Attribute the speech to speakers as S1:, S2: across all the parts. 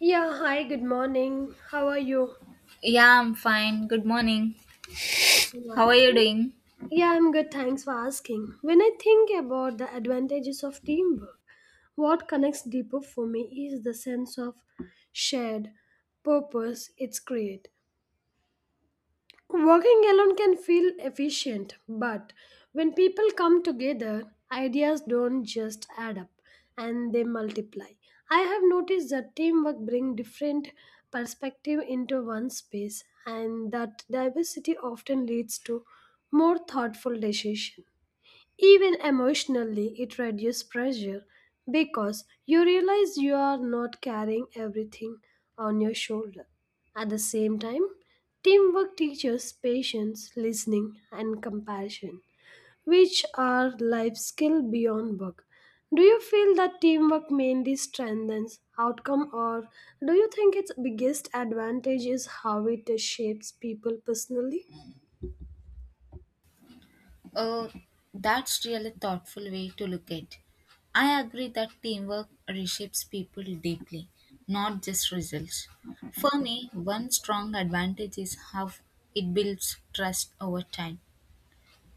S1: Yeah, hi, good morning. How are you?
S2: Yeah, I'm fine. Good morning. How are you
S1: Yeah,
S2: doing?
S1: Yeah, I'm good. Thanks for asking. When I think about the advantages of teamwork, what connects deeper for me is the sense of shared purpose it's create. Working alone can feel efficient, but when people come together, ideas don't just add up and they multiply. I have noticed that teamwork brings different perspective into one space and that diversity often leads to more thoughtful decision. Even emotionally, it reduces pressure because you realize you are not carrying everything on your shoulder. At the same time, teamwork teaches patience, listening, and compassion, which are life skills beyond work. Do you feel that teamwork mainly strengthens outcome, or do you think its biggest advantage is how it shapes people personally?
S2: Oh, that's really thoughtful way to look at. I agree that teamwork reshapes people deeply, not just results. For me, one strong advantage is how it builds trust over time.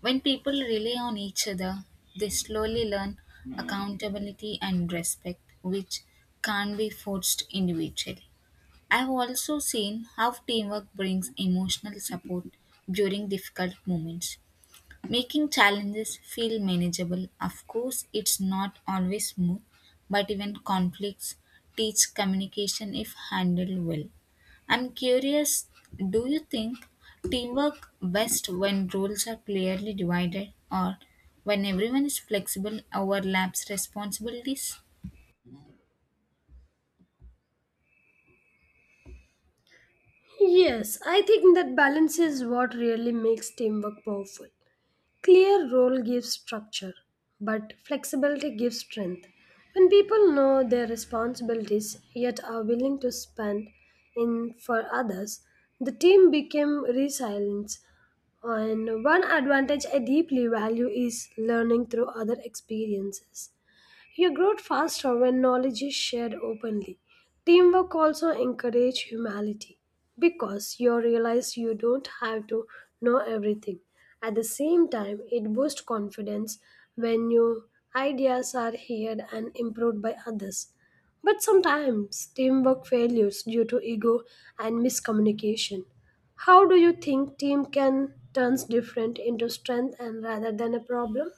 S2: When people rely on each other, they slowly learn accountability and respect, which can't be forced individually. I've also seen how teamwork brings emotional support during difficult moments, making challenges feel manageable. Of course, it's not always smooth, but even conflicts teach communication if handled well. I'm curious, do you think teamwork best when roles are clearly divided or when everyone is flexible overlaps responsibilities?
S1: Yes, I think that balance is what really makes teamwork powerful. Clear role gives structure, but flexibility gives strength. When people know their responsibilities yet are willing to spend in for others, the team became resilient. And one advantage I deeply value is learning through other experiences. You grow faster when knowledge is shared openly. Teamwork also encourages humility because you realize you don't have to know everything. At the same time, it boosts confidence when your ideas are heard and improved by others. But sometimes teamwork fails due to ego and miscommunication. How do you think team can turns different into strength and rather than a problem?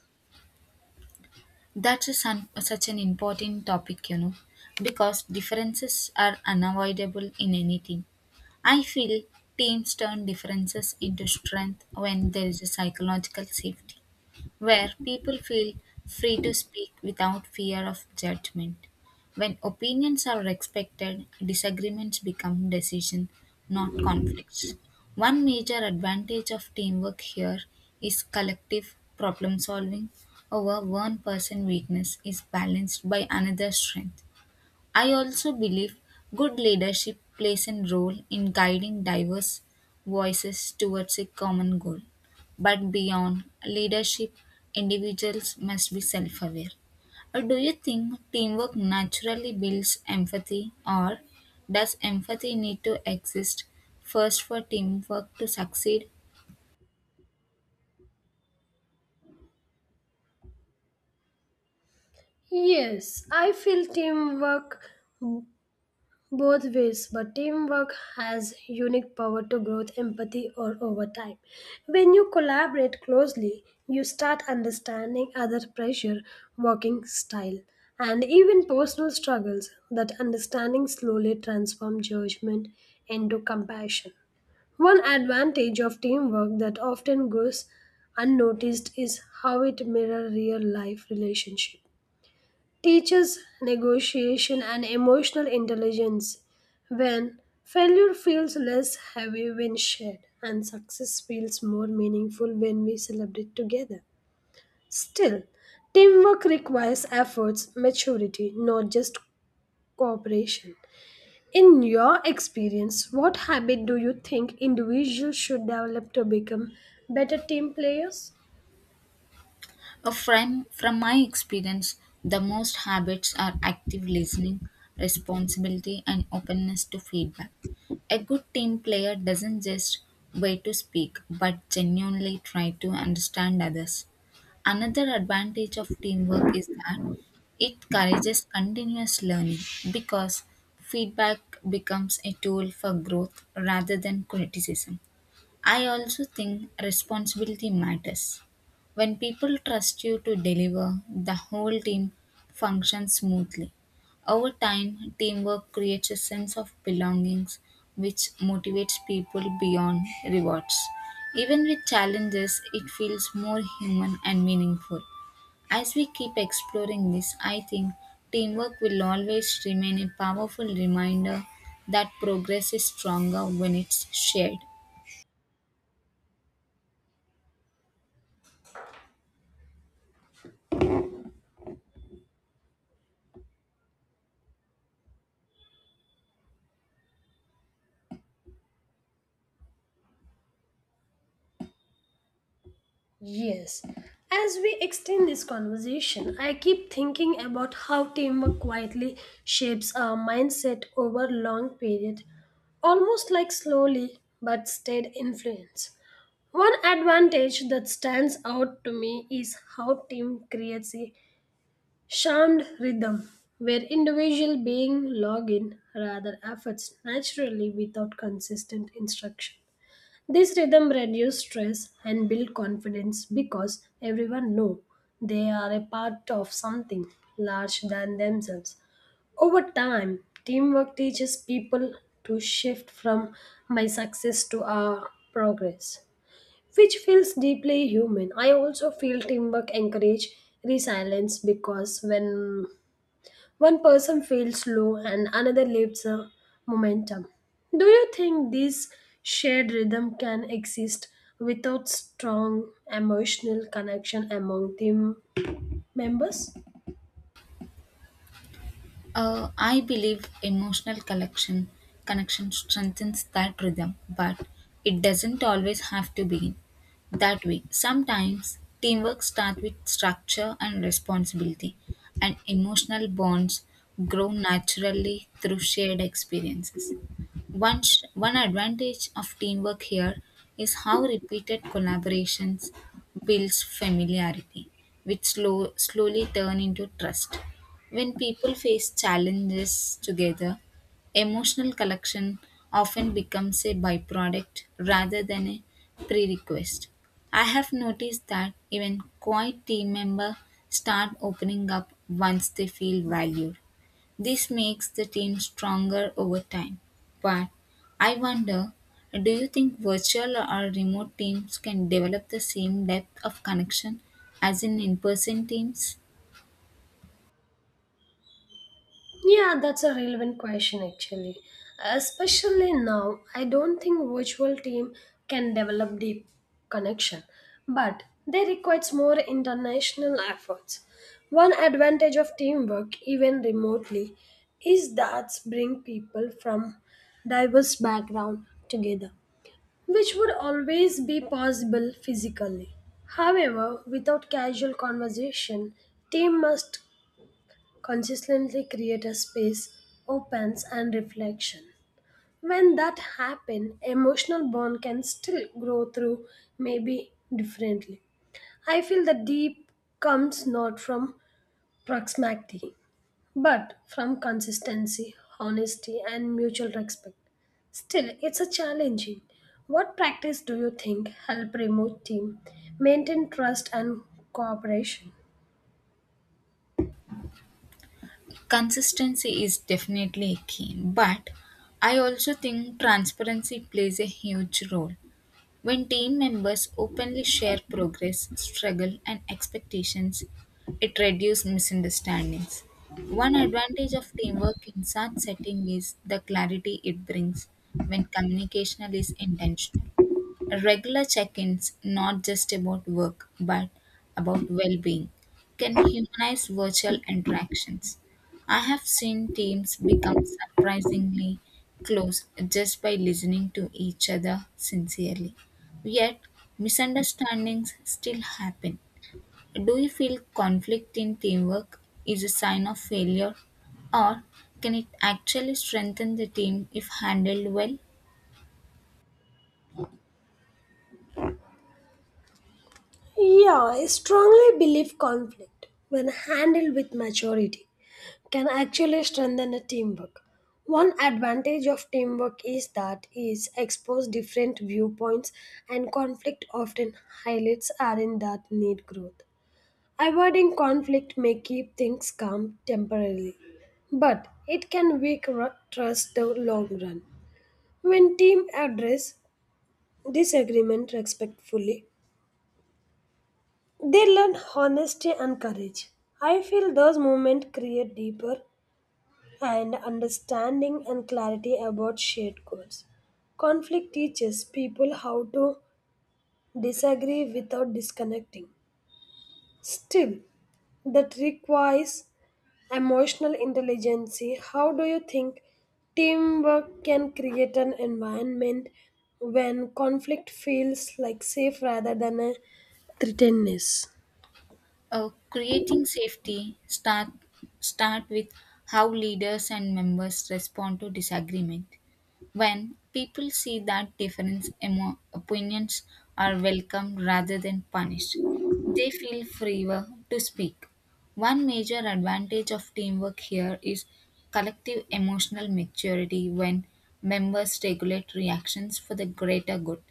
S2: Such an important topic, because differences are unavoidable in anything. I feel teams turn differences into strength when there is a psychological safety where people feel free to speak without fear of judgment. When opinions are respected, disagreements become decisions, not conflicts. One major advantage of teamwork here is collective problem solving. Our one person weakness is balanced by another strength. I also believe good leadership plays a role in guiding diverse voices towards a common goal. But beyond leadership, individuals must be self aware. Or do you think teamwork naturally builds empathy, or does empathy need to exist first for teamwork to succeed?
S1: Yes, I feel teamwork both ways, but teamwork has unique power to growth, empathy, or over time. When you collaborate closely, you start understanding other pressure, working style, and even personal struggles. That understanding slowly transforms judgment into compassion. One advantage of teamwork that often goes unnoticed is how it mirrors real life relationships teaches negotiation and emotional intelligence. When failure feels less heavy when shared, and success feels more meaningful when we celebrate together. Still, teamwork requires efforts, maturity, not just cooperation. In your experience, what habit do you think individuals should develop to become better team players?
S2: From my experience, the most habits are active listening, responsibility, and openness to feedback. A good team player doesn't just wait to speak, but genuinely try to understand others. Another advantage of teamwork is that it encourages continuous learning because feedback becomes a tool for growth rather than criticism. I also think responsibility matters. When people trust you to deliver, the whole team functions smoothly. Over time, teamwork creates a sense of belongings which motivates people beyond rewards. Even with challenges, it feels more human and meaningful. As we keep exploring this, I think teamwork will always remain a powerful reminder that progress is stronger when it's shared.
S1: Yes. As we extend this conversation, I keep thinking about how teamwork quietly shapes our mindset over long period, almost like slowly but steady influence. One advantage that stands out to me is how team creates a charmed rhythm where individual being log in rather efforts naturally without consistent instruction. This rhythm reduces stress and builds confidence because everyone knows they are a part of something larger than themselves. Over time, teamwork teaches people to shift from my success to our progress, which feels deeply human. I also feel teamwork encourage resilience because when one person feels low and another lifts the momentum. Do you think this shared rhythm can exist without strong emotional connection among team members?
S2: I believe emotional collection connection strengthens that rhythm, but it doesn't always have to begin that way. Sometimes teamwork starts with structure and responsibility, and emotional bonds grow naturally through shared experiences. One advantage of teamwork here is how repeated collaborations builds familiarity, which slowly turn into trust. When people face challenges together, emotional collection often becomes a byproduct rather than a prerequisite. I have noticed that even quiet team members start opening up once they feel valued, this makes the team stronger over time. But I wonder, do you think virtual or remote teams can develop the same depth of connection as in person teams?
S1: Yeah, that's a relevant question actually. Especially now, I don't think virtual team can develop deep connection, but they requires more international efforts. One advantage of teamwork, even remotely, is that bring people from diverse background together, which would always be possible physically. However, without casual conversation, team must consistently create a space opens and reflection when that happen emotional bond can still grow through maybe differently I feel the deep comes not from proximity but from consistency honesty and mutual respect Still, it's a challenging. What practice do you think help remove team maintain trust and cooperation?
S2: Consistency is definitely a key, but I also think transparency plays a huge role. When team members openly share progress, struggle, and expectations, it reduces misunderstandings. One advantage of teamwork in such setting is the clarity it brings when communication is intentional. Regular check ins, not just about work, but about well being, can humanize virtual interactions. I have seen teams become surprisingly close just by listening to each other sincerely. Yet, misunderstandings still happen. Do you feel conflict in teamwork is a sign of failure, or can it actually strengthen the team if handled well?
S1: Yeah, I strongly believe conflict, when handled with maturity, can actually strengthen a teamwork. One advantage of teamwork is that it exposes different viewpoints and conflict often highlights areas that need growth. Avoiding conflict may keep things calm temporarily, but it can weaken trust the long run. When team address disagreement respectfully, they learn honesty and courage. I feel those moments create deeper and understanding and clarity about shared goals. Conflict teaches people how to disagree without disconnecting. Still, that requires emotional intelligence. How do you think teamwork can create an environment when conflict feels like safe rather than a threatenedness?
S2: Creating safety start with how leaders and members respond to disagreement. When people see that opinions are welcomed rather than punished, they feel freer to speak. One major advantage of teamwork here is collective emotional maturity when members regulate reactions for the greater good.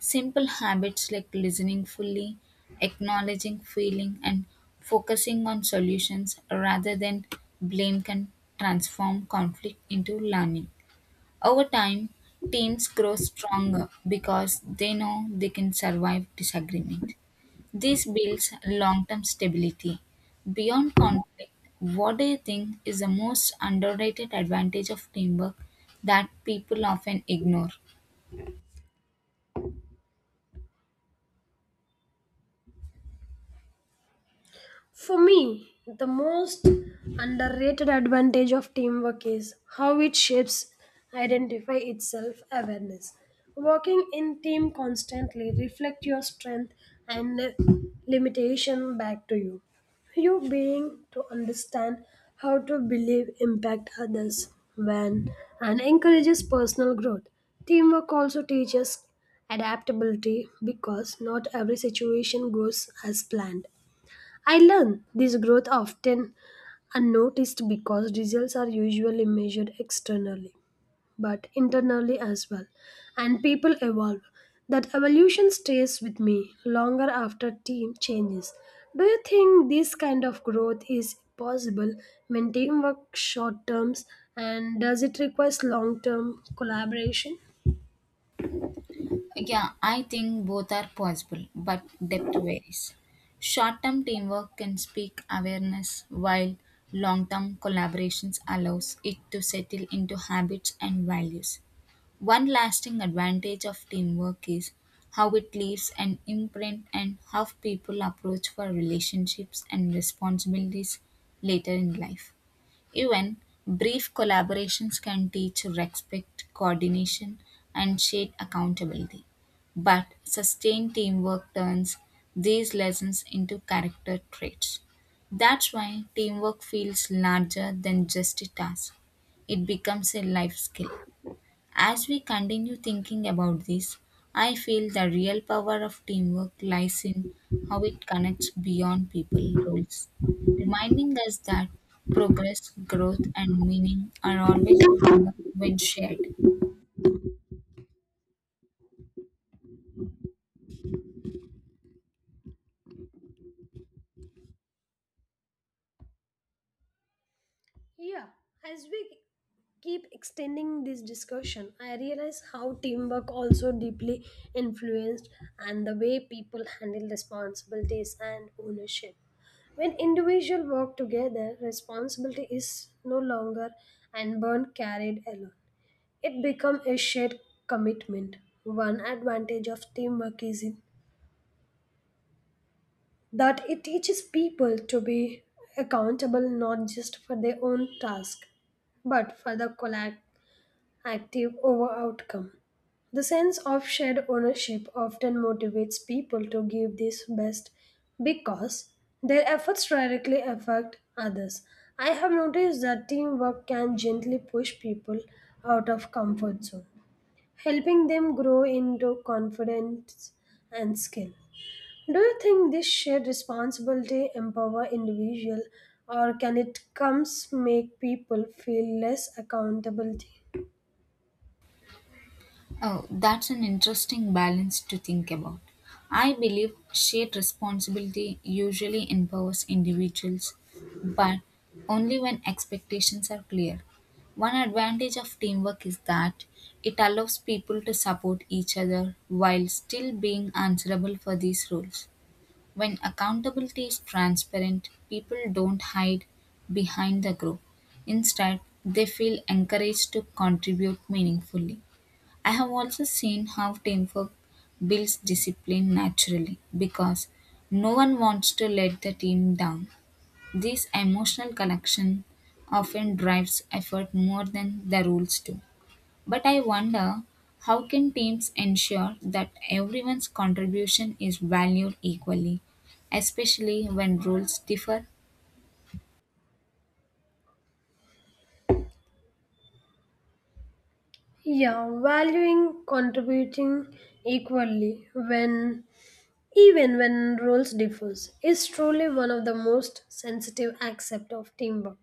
S2: Simple habits like listening fully, acknowledging feeling, and focusing on solutions rather than blame can transform conflict into learning. Over time, teams grow stronger because they know they can survive disagreement. This builds long term stability. Beyond conflict, what do you think is the most underrated advantage of teamwork that people often ignore?
S1: For me, the most underrated advantage of teamwork is how it shapes identify itself awareness. Working in team constantly reflect your strength and limitation back to you. You being to understand how to believe impact others when and encourages personal growth. Teamwork also teaches adaptability because not every situation goes as planned I learned this growth often unnoticed because results are usually measured externally, but internally as well, and people evolve. That evolution stays with me longer after team changes. Do you think this kind of growth is possible when teamwork short terms and does it require long term collaboration?
S2: Yeah, I think both are possible, but depth varies. Short term teamwork can speak awareness, while long term collaborations allows it to settle into habits and values. One lasting advantage of teamwork is how it leaves an imprint and how people approach for relationships and responsibilities later in life. Even brief collaborations can teach respect, coordination, and shared accountability. But sustained teamwork turns these lessons into character traits. That's why teamwork feels larger than just a task, it becomes a life skill. As we continue thinking about this, I feel the real power of teamwork lies in how it connects beyond people roles, reminding us that progress, growth, and meaning are always stronger when shared.
S1: Yeah, as we keep extending this discussion, I realize how teamwork also deeply influenced and the way people handle responsibilities and ownership. When individuals work together, responsibility is no longer and burden carried alone. It becomes a shared commitment. One advantage of teamwork is in that it teaches people to be accountable not just for their own task, but for the active over outcome. The sense of shared ownership often motivates people to give their best because their efforts directly affect others. I have noticed that teamwork can gently push people out of comfort zone, helping them grow into confidence and skill. Do you think this shared responsibility empower individual or can it comes make people feel less accountability?
S2: Oh, that's an interesting balance to think about. I believe shared responsibility usually empowers individuals, but only when expectations are clear. One advantage of teamwork is that it allows people to support each other while still being answerable for these roles. When accountability is transparent, people don't hide behind the group. Instead, they feel encouraged to contribute meaningfully. I have also seen how teamwork builds discipline naturally because no one wants to let the team down. This emotional connection often drives effort more than the rules do. But I wonder, how can teams ensure that everyone's contribution is valued equally, especially when rules differ?
S1: Yeah, valuing contributing equally when even when roles differs is truly one of the most sensitive aspect of teamwork.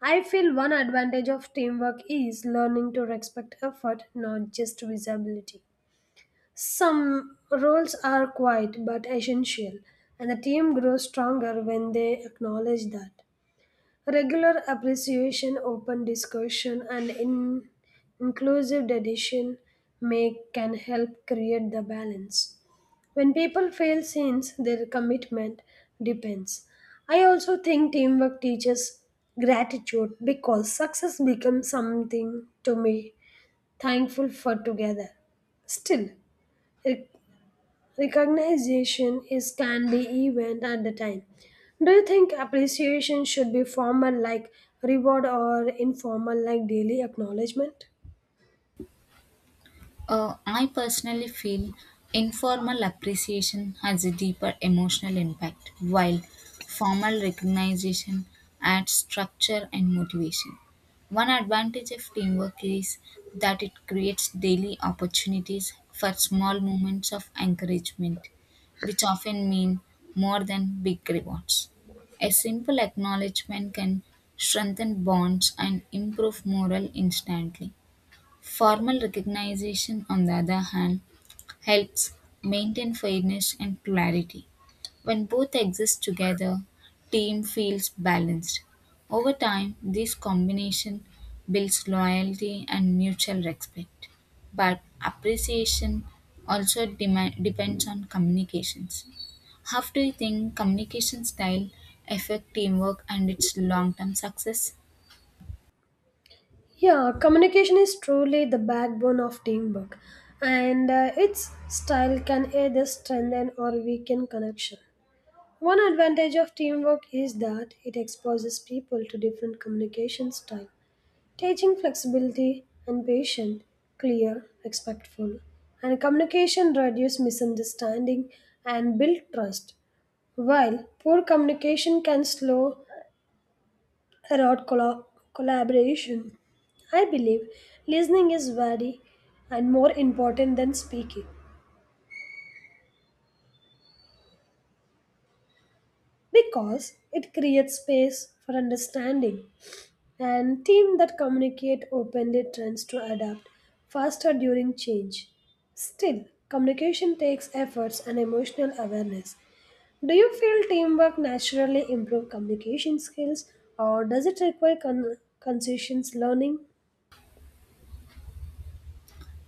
S1: I feel one advantage of teamwork is learning to respect effort, not just visibility. Some roles are quiet but essential, and the team grows stronger when they acknowledge that. Regular appreciation, open discussion, and inclusive decision make can help create the balance. When people fail since their commitment depends. I also think teamwork teaches gratitude because success becomes something to me thankful for together. Still, recognition is can be event at the time. Do you think appreciation should be formal like reward or informal like daily acknowledgement?
S2: I personally feel informal appreciation has a deeper emotional impact, while formal recognition adds structure and motivation. One advantage of teamwork is that it creates daily opportunities for small moments of encouragement, which often mean more than big rewards. A simple acknowledgement can strengthen bonds and improve morale instantly. Formal recognition, on the other hand, helps maintain fairness and clarity. When both exist together, team feels balanced. Over time, this combination builds loyalty and mutual respect. But appreciation depends on communications. How do you think communication style affect teamwork and its long-term success?
S1: Yeah, communication is truly the backbone of teamwork, and its style can either strengthen or weaken connection. One advantage of teamwork is that it exposes people to different communication styles teaching flexibility and patience, clear, respectful, and communication reduce misunderstanding and build trust, while poor communication can slow erode collaboration. I believe listening is very and more important than speaking because it creates space for understanding and teams that communicate openly tends to adapt faster during change. Still, communication takes efforts and emotional awareness. Do you feel teamwork naturally improve communication skills or does it require conscious learning?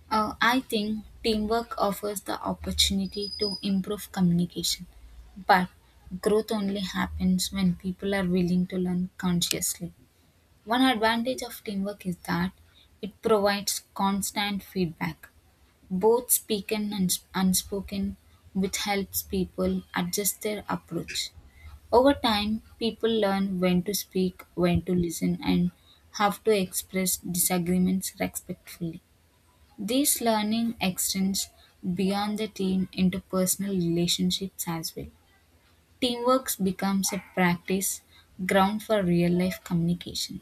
S2: I think teamwork offers the opportunity to improve communication, but growth only happens when people are willing to learn consciously. One advantage of teamwork is that it provides constant feedback, both spoken unspoken, which helps people adjust their approach. Over time, people learn when to speak, when to listen, and how to express disagreements respectfully. This learning extends beyond the team into personal relationships as well. Teamwork becomes a practice ground for real life communication.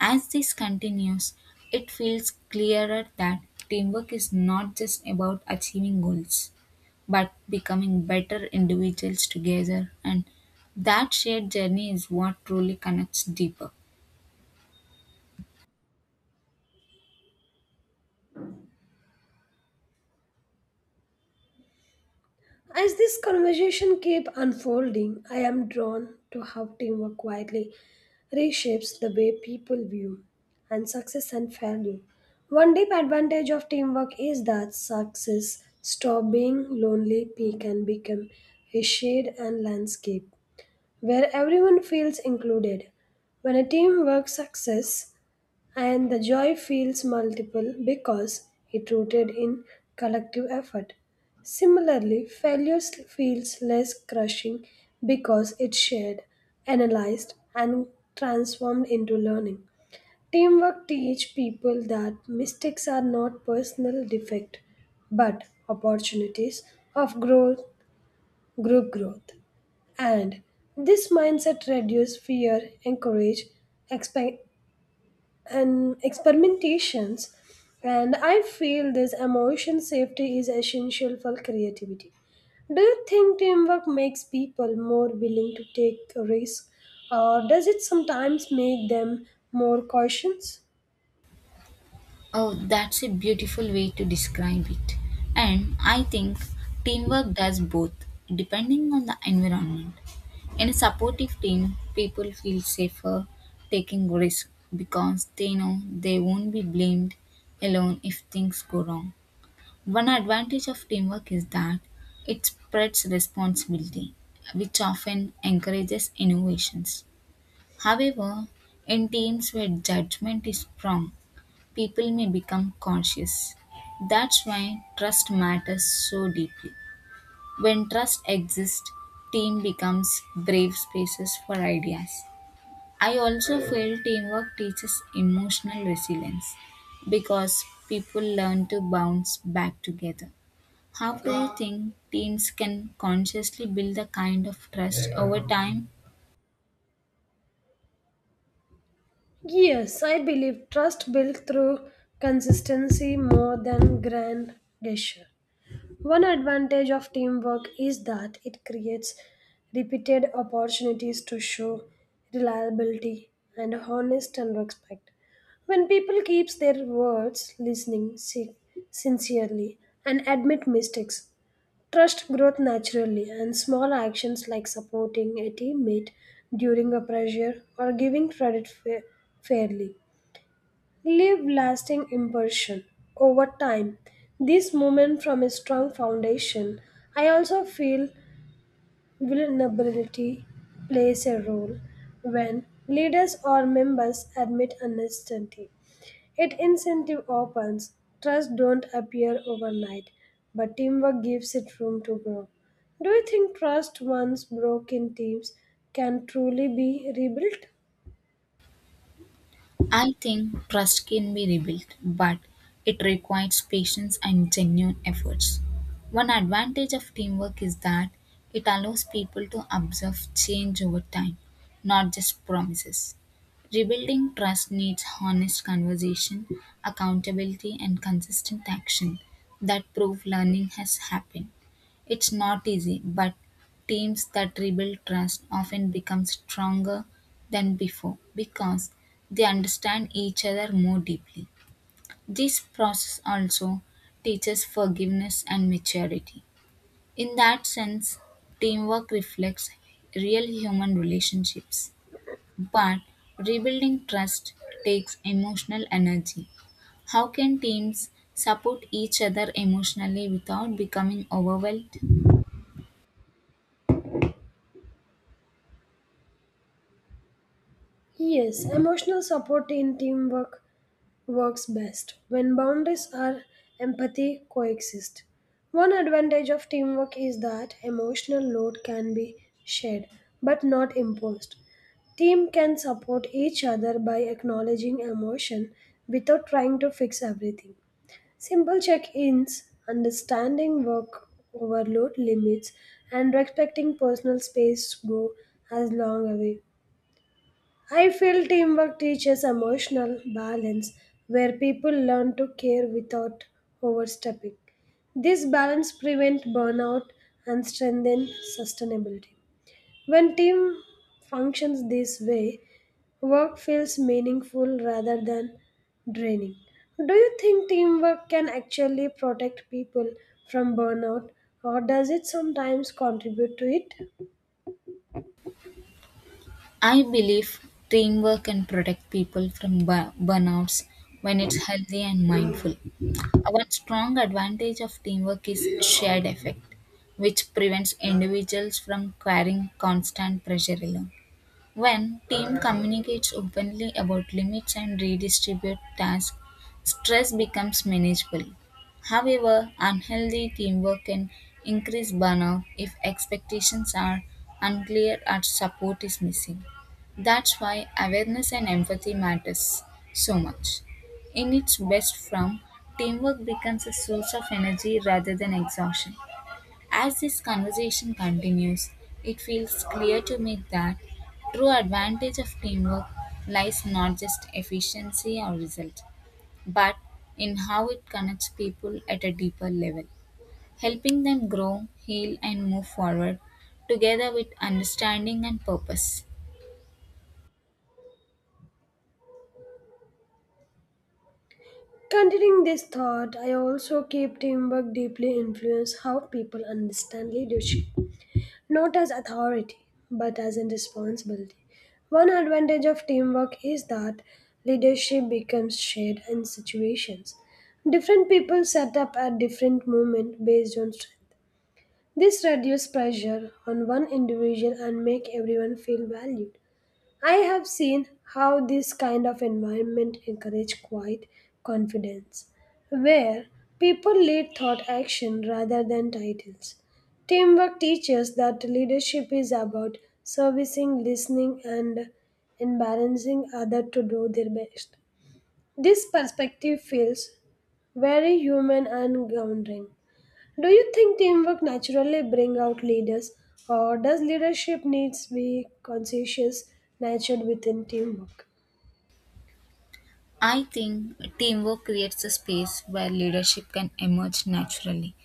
S2: As this continues, it feels clearer that teamwork is not just about achieving goals, but becoming better individuals together, and that shared journey is what truly connects deeper.
S1: As this conversation kept unfolding, I am drawn to how teamwork quietly reshapes the way people view and success and failure. One deep advantage of teamwork is that success stop being lonely peak and become a shared and landscape where everyone feels included. When a team works success and the joy feels multiple because it rooted in collective effort. Similarly, failure feels less crushing because it's shared, analyzed, and transformed into learning. Teamwork teach people that mistakes are not personal defect but opportunities of growth, group growth. And this mindset reduce fear, encourage expe- and experimentations and I feel this emotion safety is essential for creativity do you think teamwork makes people more willing to take risks or does it sometimes make them more cautious
S2: Oh, that's a beautiful way to describe it. And I think teamwork does both, depending on the environment. In a supportive team, people feel safer taking risks because they know they won't be blamed alone if things go wrong. One advantage of teamwork is that it spreads responsibility, which often encourages innovations. However, in teams where judgment is strong, people may become conscious. That's why trust matters so deeply. When trust exists, team becomes brave spaces for ideas. I also feel teamwork teaches emotional resilience because people learn to bounce back together. How do you think teams can consciously build a kind of trust over time?
S1: yes I believe trust built through consistency more than grand gesture. One advantage of teamwork is that it creates repeated opportunities to show reliability and honest and respect. When people keep their words, listening sincerely and admit mistakes, trust growth naturally and small actions like supporting a teammate during a pressure or giving credit fairly leave lasting impression over time. This movement from a strong foundation, I also feel vulnerability plays a role when leaders or members admit uncertainty. It incentive opens, trust don't appear overnight, but teamwork gives it room to grow. Do you think trust once broken teams can truly be rebuilt?
S2: I think trust can be rebuilt, but it requires patience and genuine efforts. One advantage of teamwork is that it allows people to observe change over time, not just promises. Rebuilding trust needs honest conversation, accountability, and consistent action that prove learning has happened. It's not easy, but teams that rebuild trust often become stronger than before because they understand each other more deeply. This process also teaches forgiveness and maturity. In that sense, teamwork reflects real human relationships. But rebuilding trust takes emotional energy. How can teams support each other emotionally without becoming overwhelmed?
S1: Yes, emotional support in teamwork works best when boundaries are empathy coexist. One advantage of teamwork is that emotional load can be shared but not imposed. Team can support each other by acknowledging emotion without trying to fix everything. Simple check-ins, understanding work overload limits and respecting personal space go as long a way. I feel teamwork teaches emotional balance where people learn to care without overstepping. This balance prevents burnout and strengthens sustainability. When team functions this way, work feels meaningful rather than draining. Do you think teamwork can actually protect people from burnout or does it sometimes contribute to it?
S2: I believe teamwork can protect people from burnouts when it's healthy and mindful. One strong advantage of teamwork is shared effect, which prevents individuals from carrying constant pressure alone. When team communicates openly about limits and redistribute tasks, stress becomes manageable. However, unhealthy teamwork can increase burnout if expectations are unclear or support is missing. That's why awareness and empathy matters so much. In its best form, teamwork becomes a source of energy rather than exhaustion. As this conversation continues, it feels clear to me that true advantage of teamwork lies not just efficiency or result, but in how it connects people at a deeper level, helping them grow, heal and move forward together with understanding and purpose.
S1: Continuing this thought, I also keep teamwork deeply influence how people understand leadership, not as authority, but as in responsibility. One advantage of teamwork is that leadership becomes shared in situations. Different people set up at different moment based on strength. This reduces pressure on one individual and make everyone feel valued. I have seen how this kind of environment encourage quiet confidence, where people lead thought action rather than titles. Teamwork teaches that leadership is about servicing, listening, and embarrassing others to do their best. This perspective feels very human and grounding. Do you think teamwork naturally bring out leaders, or does leadership needs be conscientious nurtured within teamwork?
S2: I think teamwork creates a space where leadership can emerge naturally,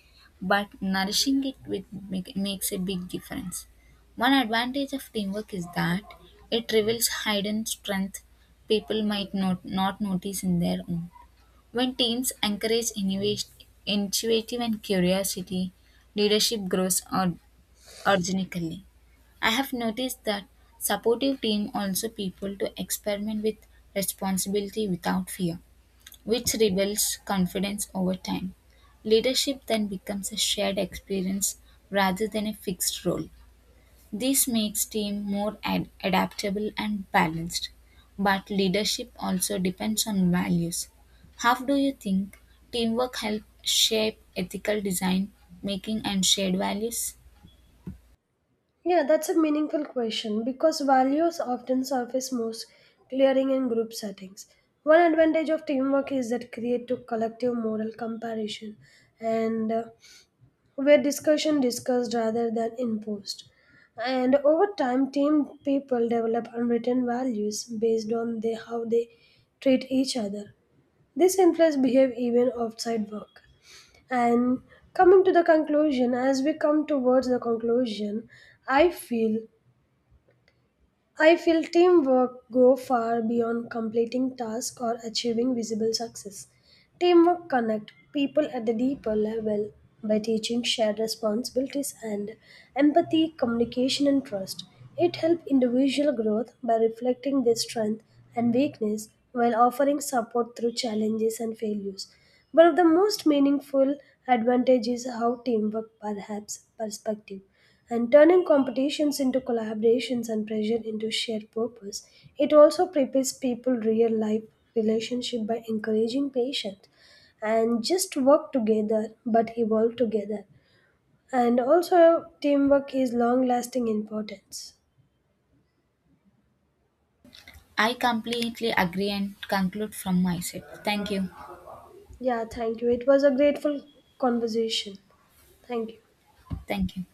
S2: but nourishing it with makes a big difference. One advantage of teamwork is that it reveals hidden strength people might not notice in their own. When teams encourage innovation, intuitive and curiosity, leadership grows organically. I have noticed that supportive team also people to experiment with responsibility without fear which rebuilds confidence over time. Leadership then becomes a shared experience rather than a fixed role. This makes team more adaptable and balanced. But leadership also depends on values. How do you think teamwork helps shape ethical design making and shared values?
S1: Yeah, that's a meaningful question because values often surface most clearing in group settings. One advantage of teamwork is that create to collective moral comparison and where discussion discussed rather than imposed. And over time, team people develop unwritten values based on they, how they treat each other. This influence behave even outside work. And coming to the conclusion, as we come towards the conclusion, I feel I feel teamwork go far beyond completing tasks or achieving visible success. Teamwork connect people at the deeper level by teaching shared responsibilities and empathy, communication and trust. It helps individual growth by reflecting their strength and weakness while offering support through challenges and failures. One of the most meaningful advantages is how teamwork perhaps perspective and turning competitions into collaborations and pressure into shared purpose. It also prepares people real life relationship by encouraging patience and just work together but evolve together. And also teamwork is long lasting importance.
S2: I completely agree and conclude from my side. Thank you.
S1: Yeah, thank you. It was a grateful conversation. Thank you.
S2: Thank you.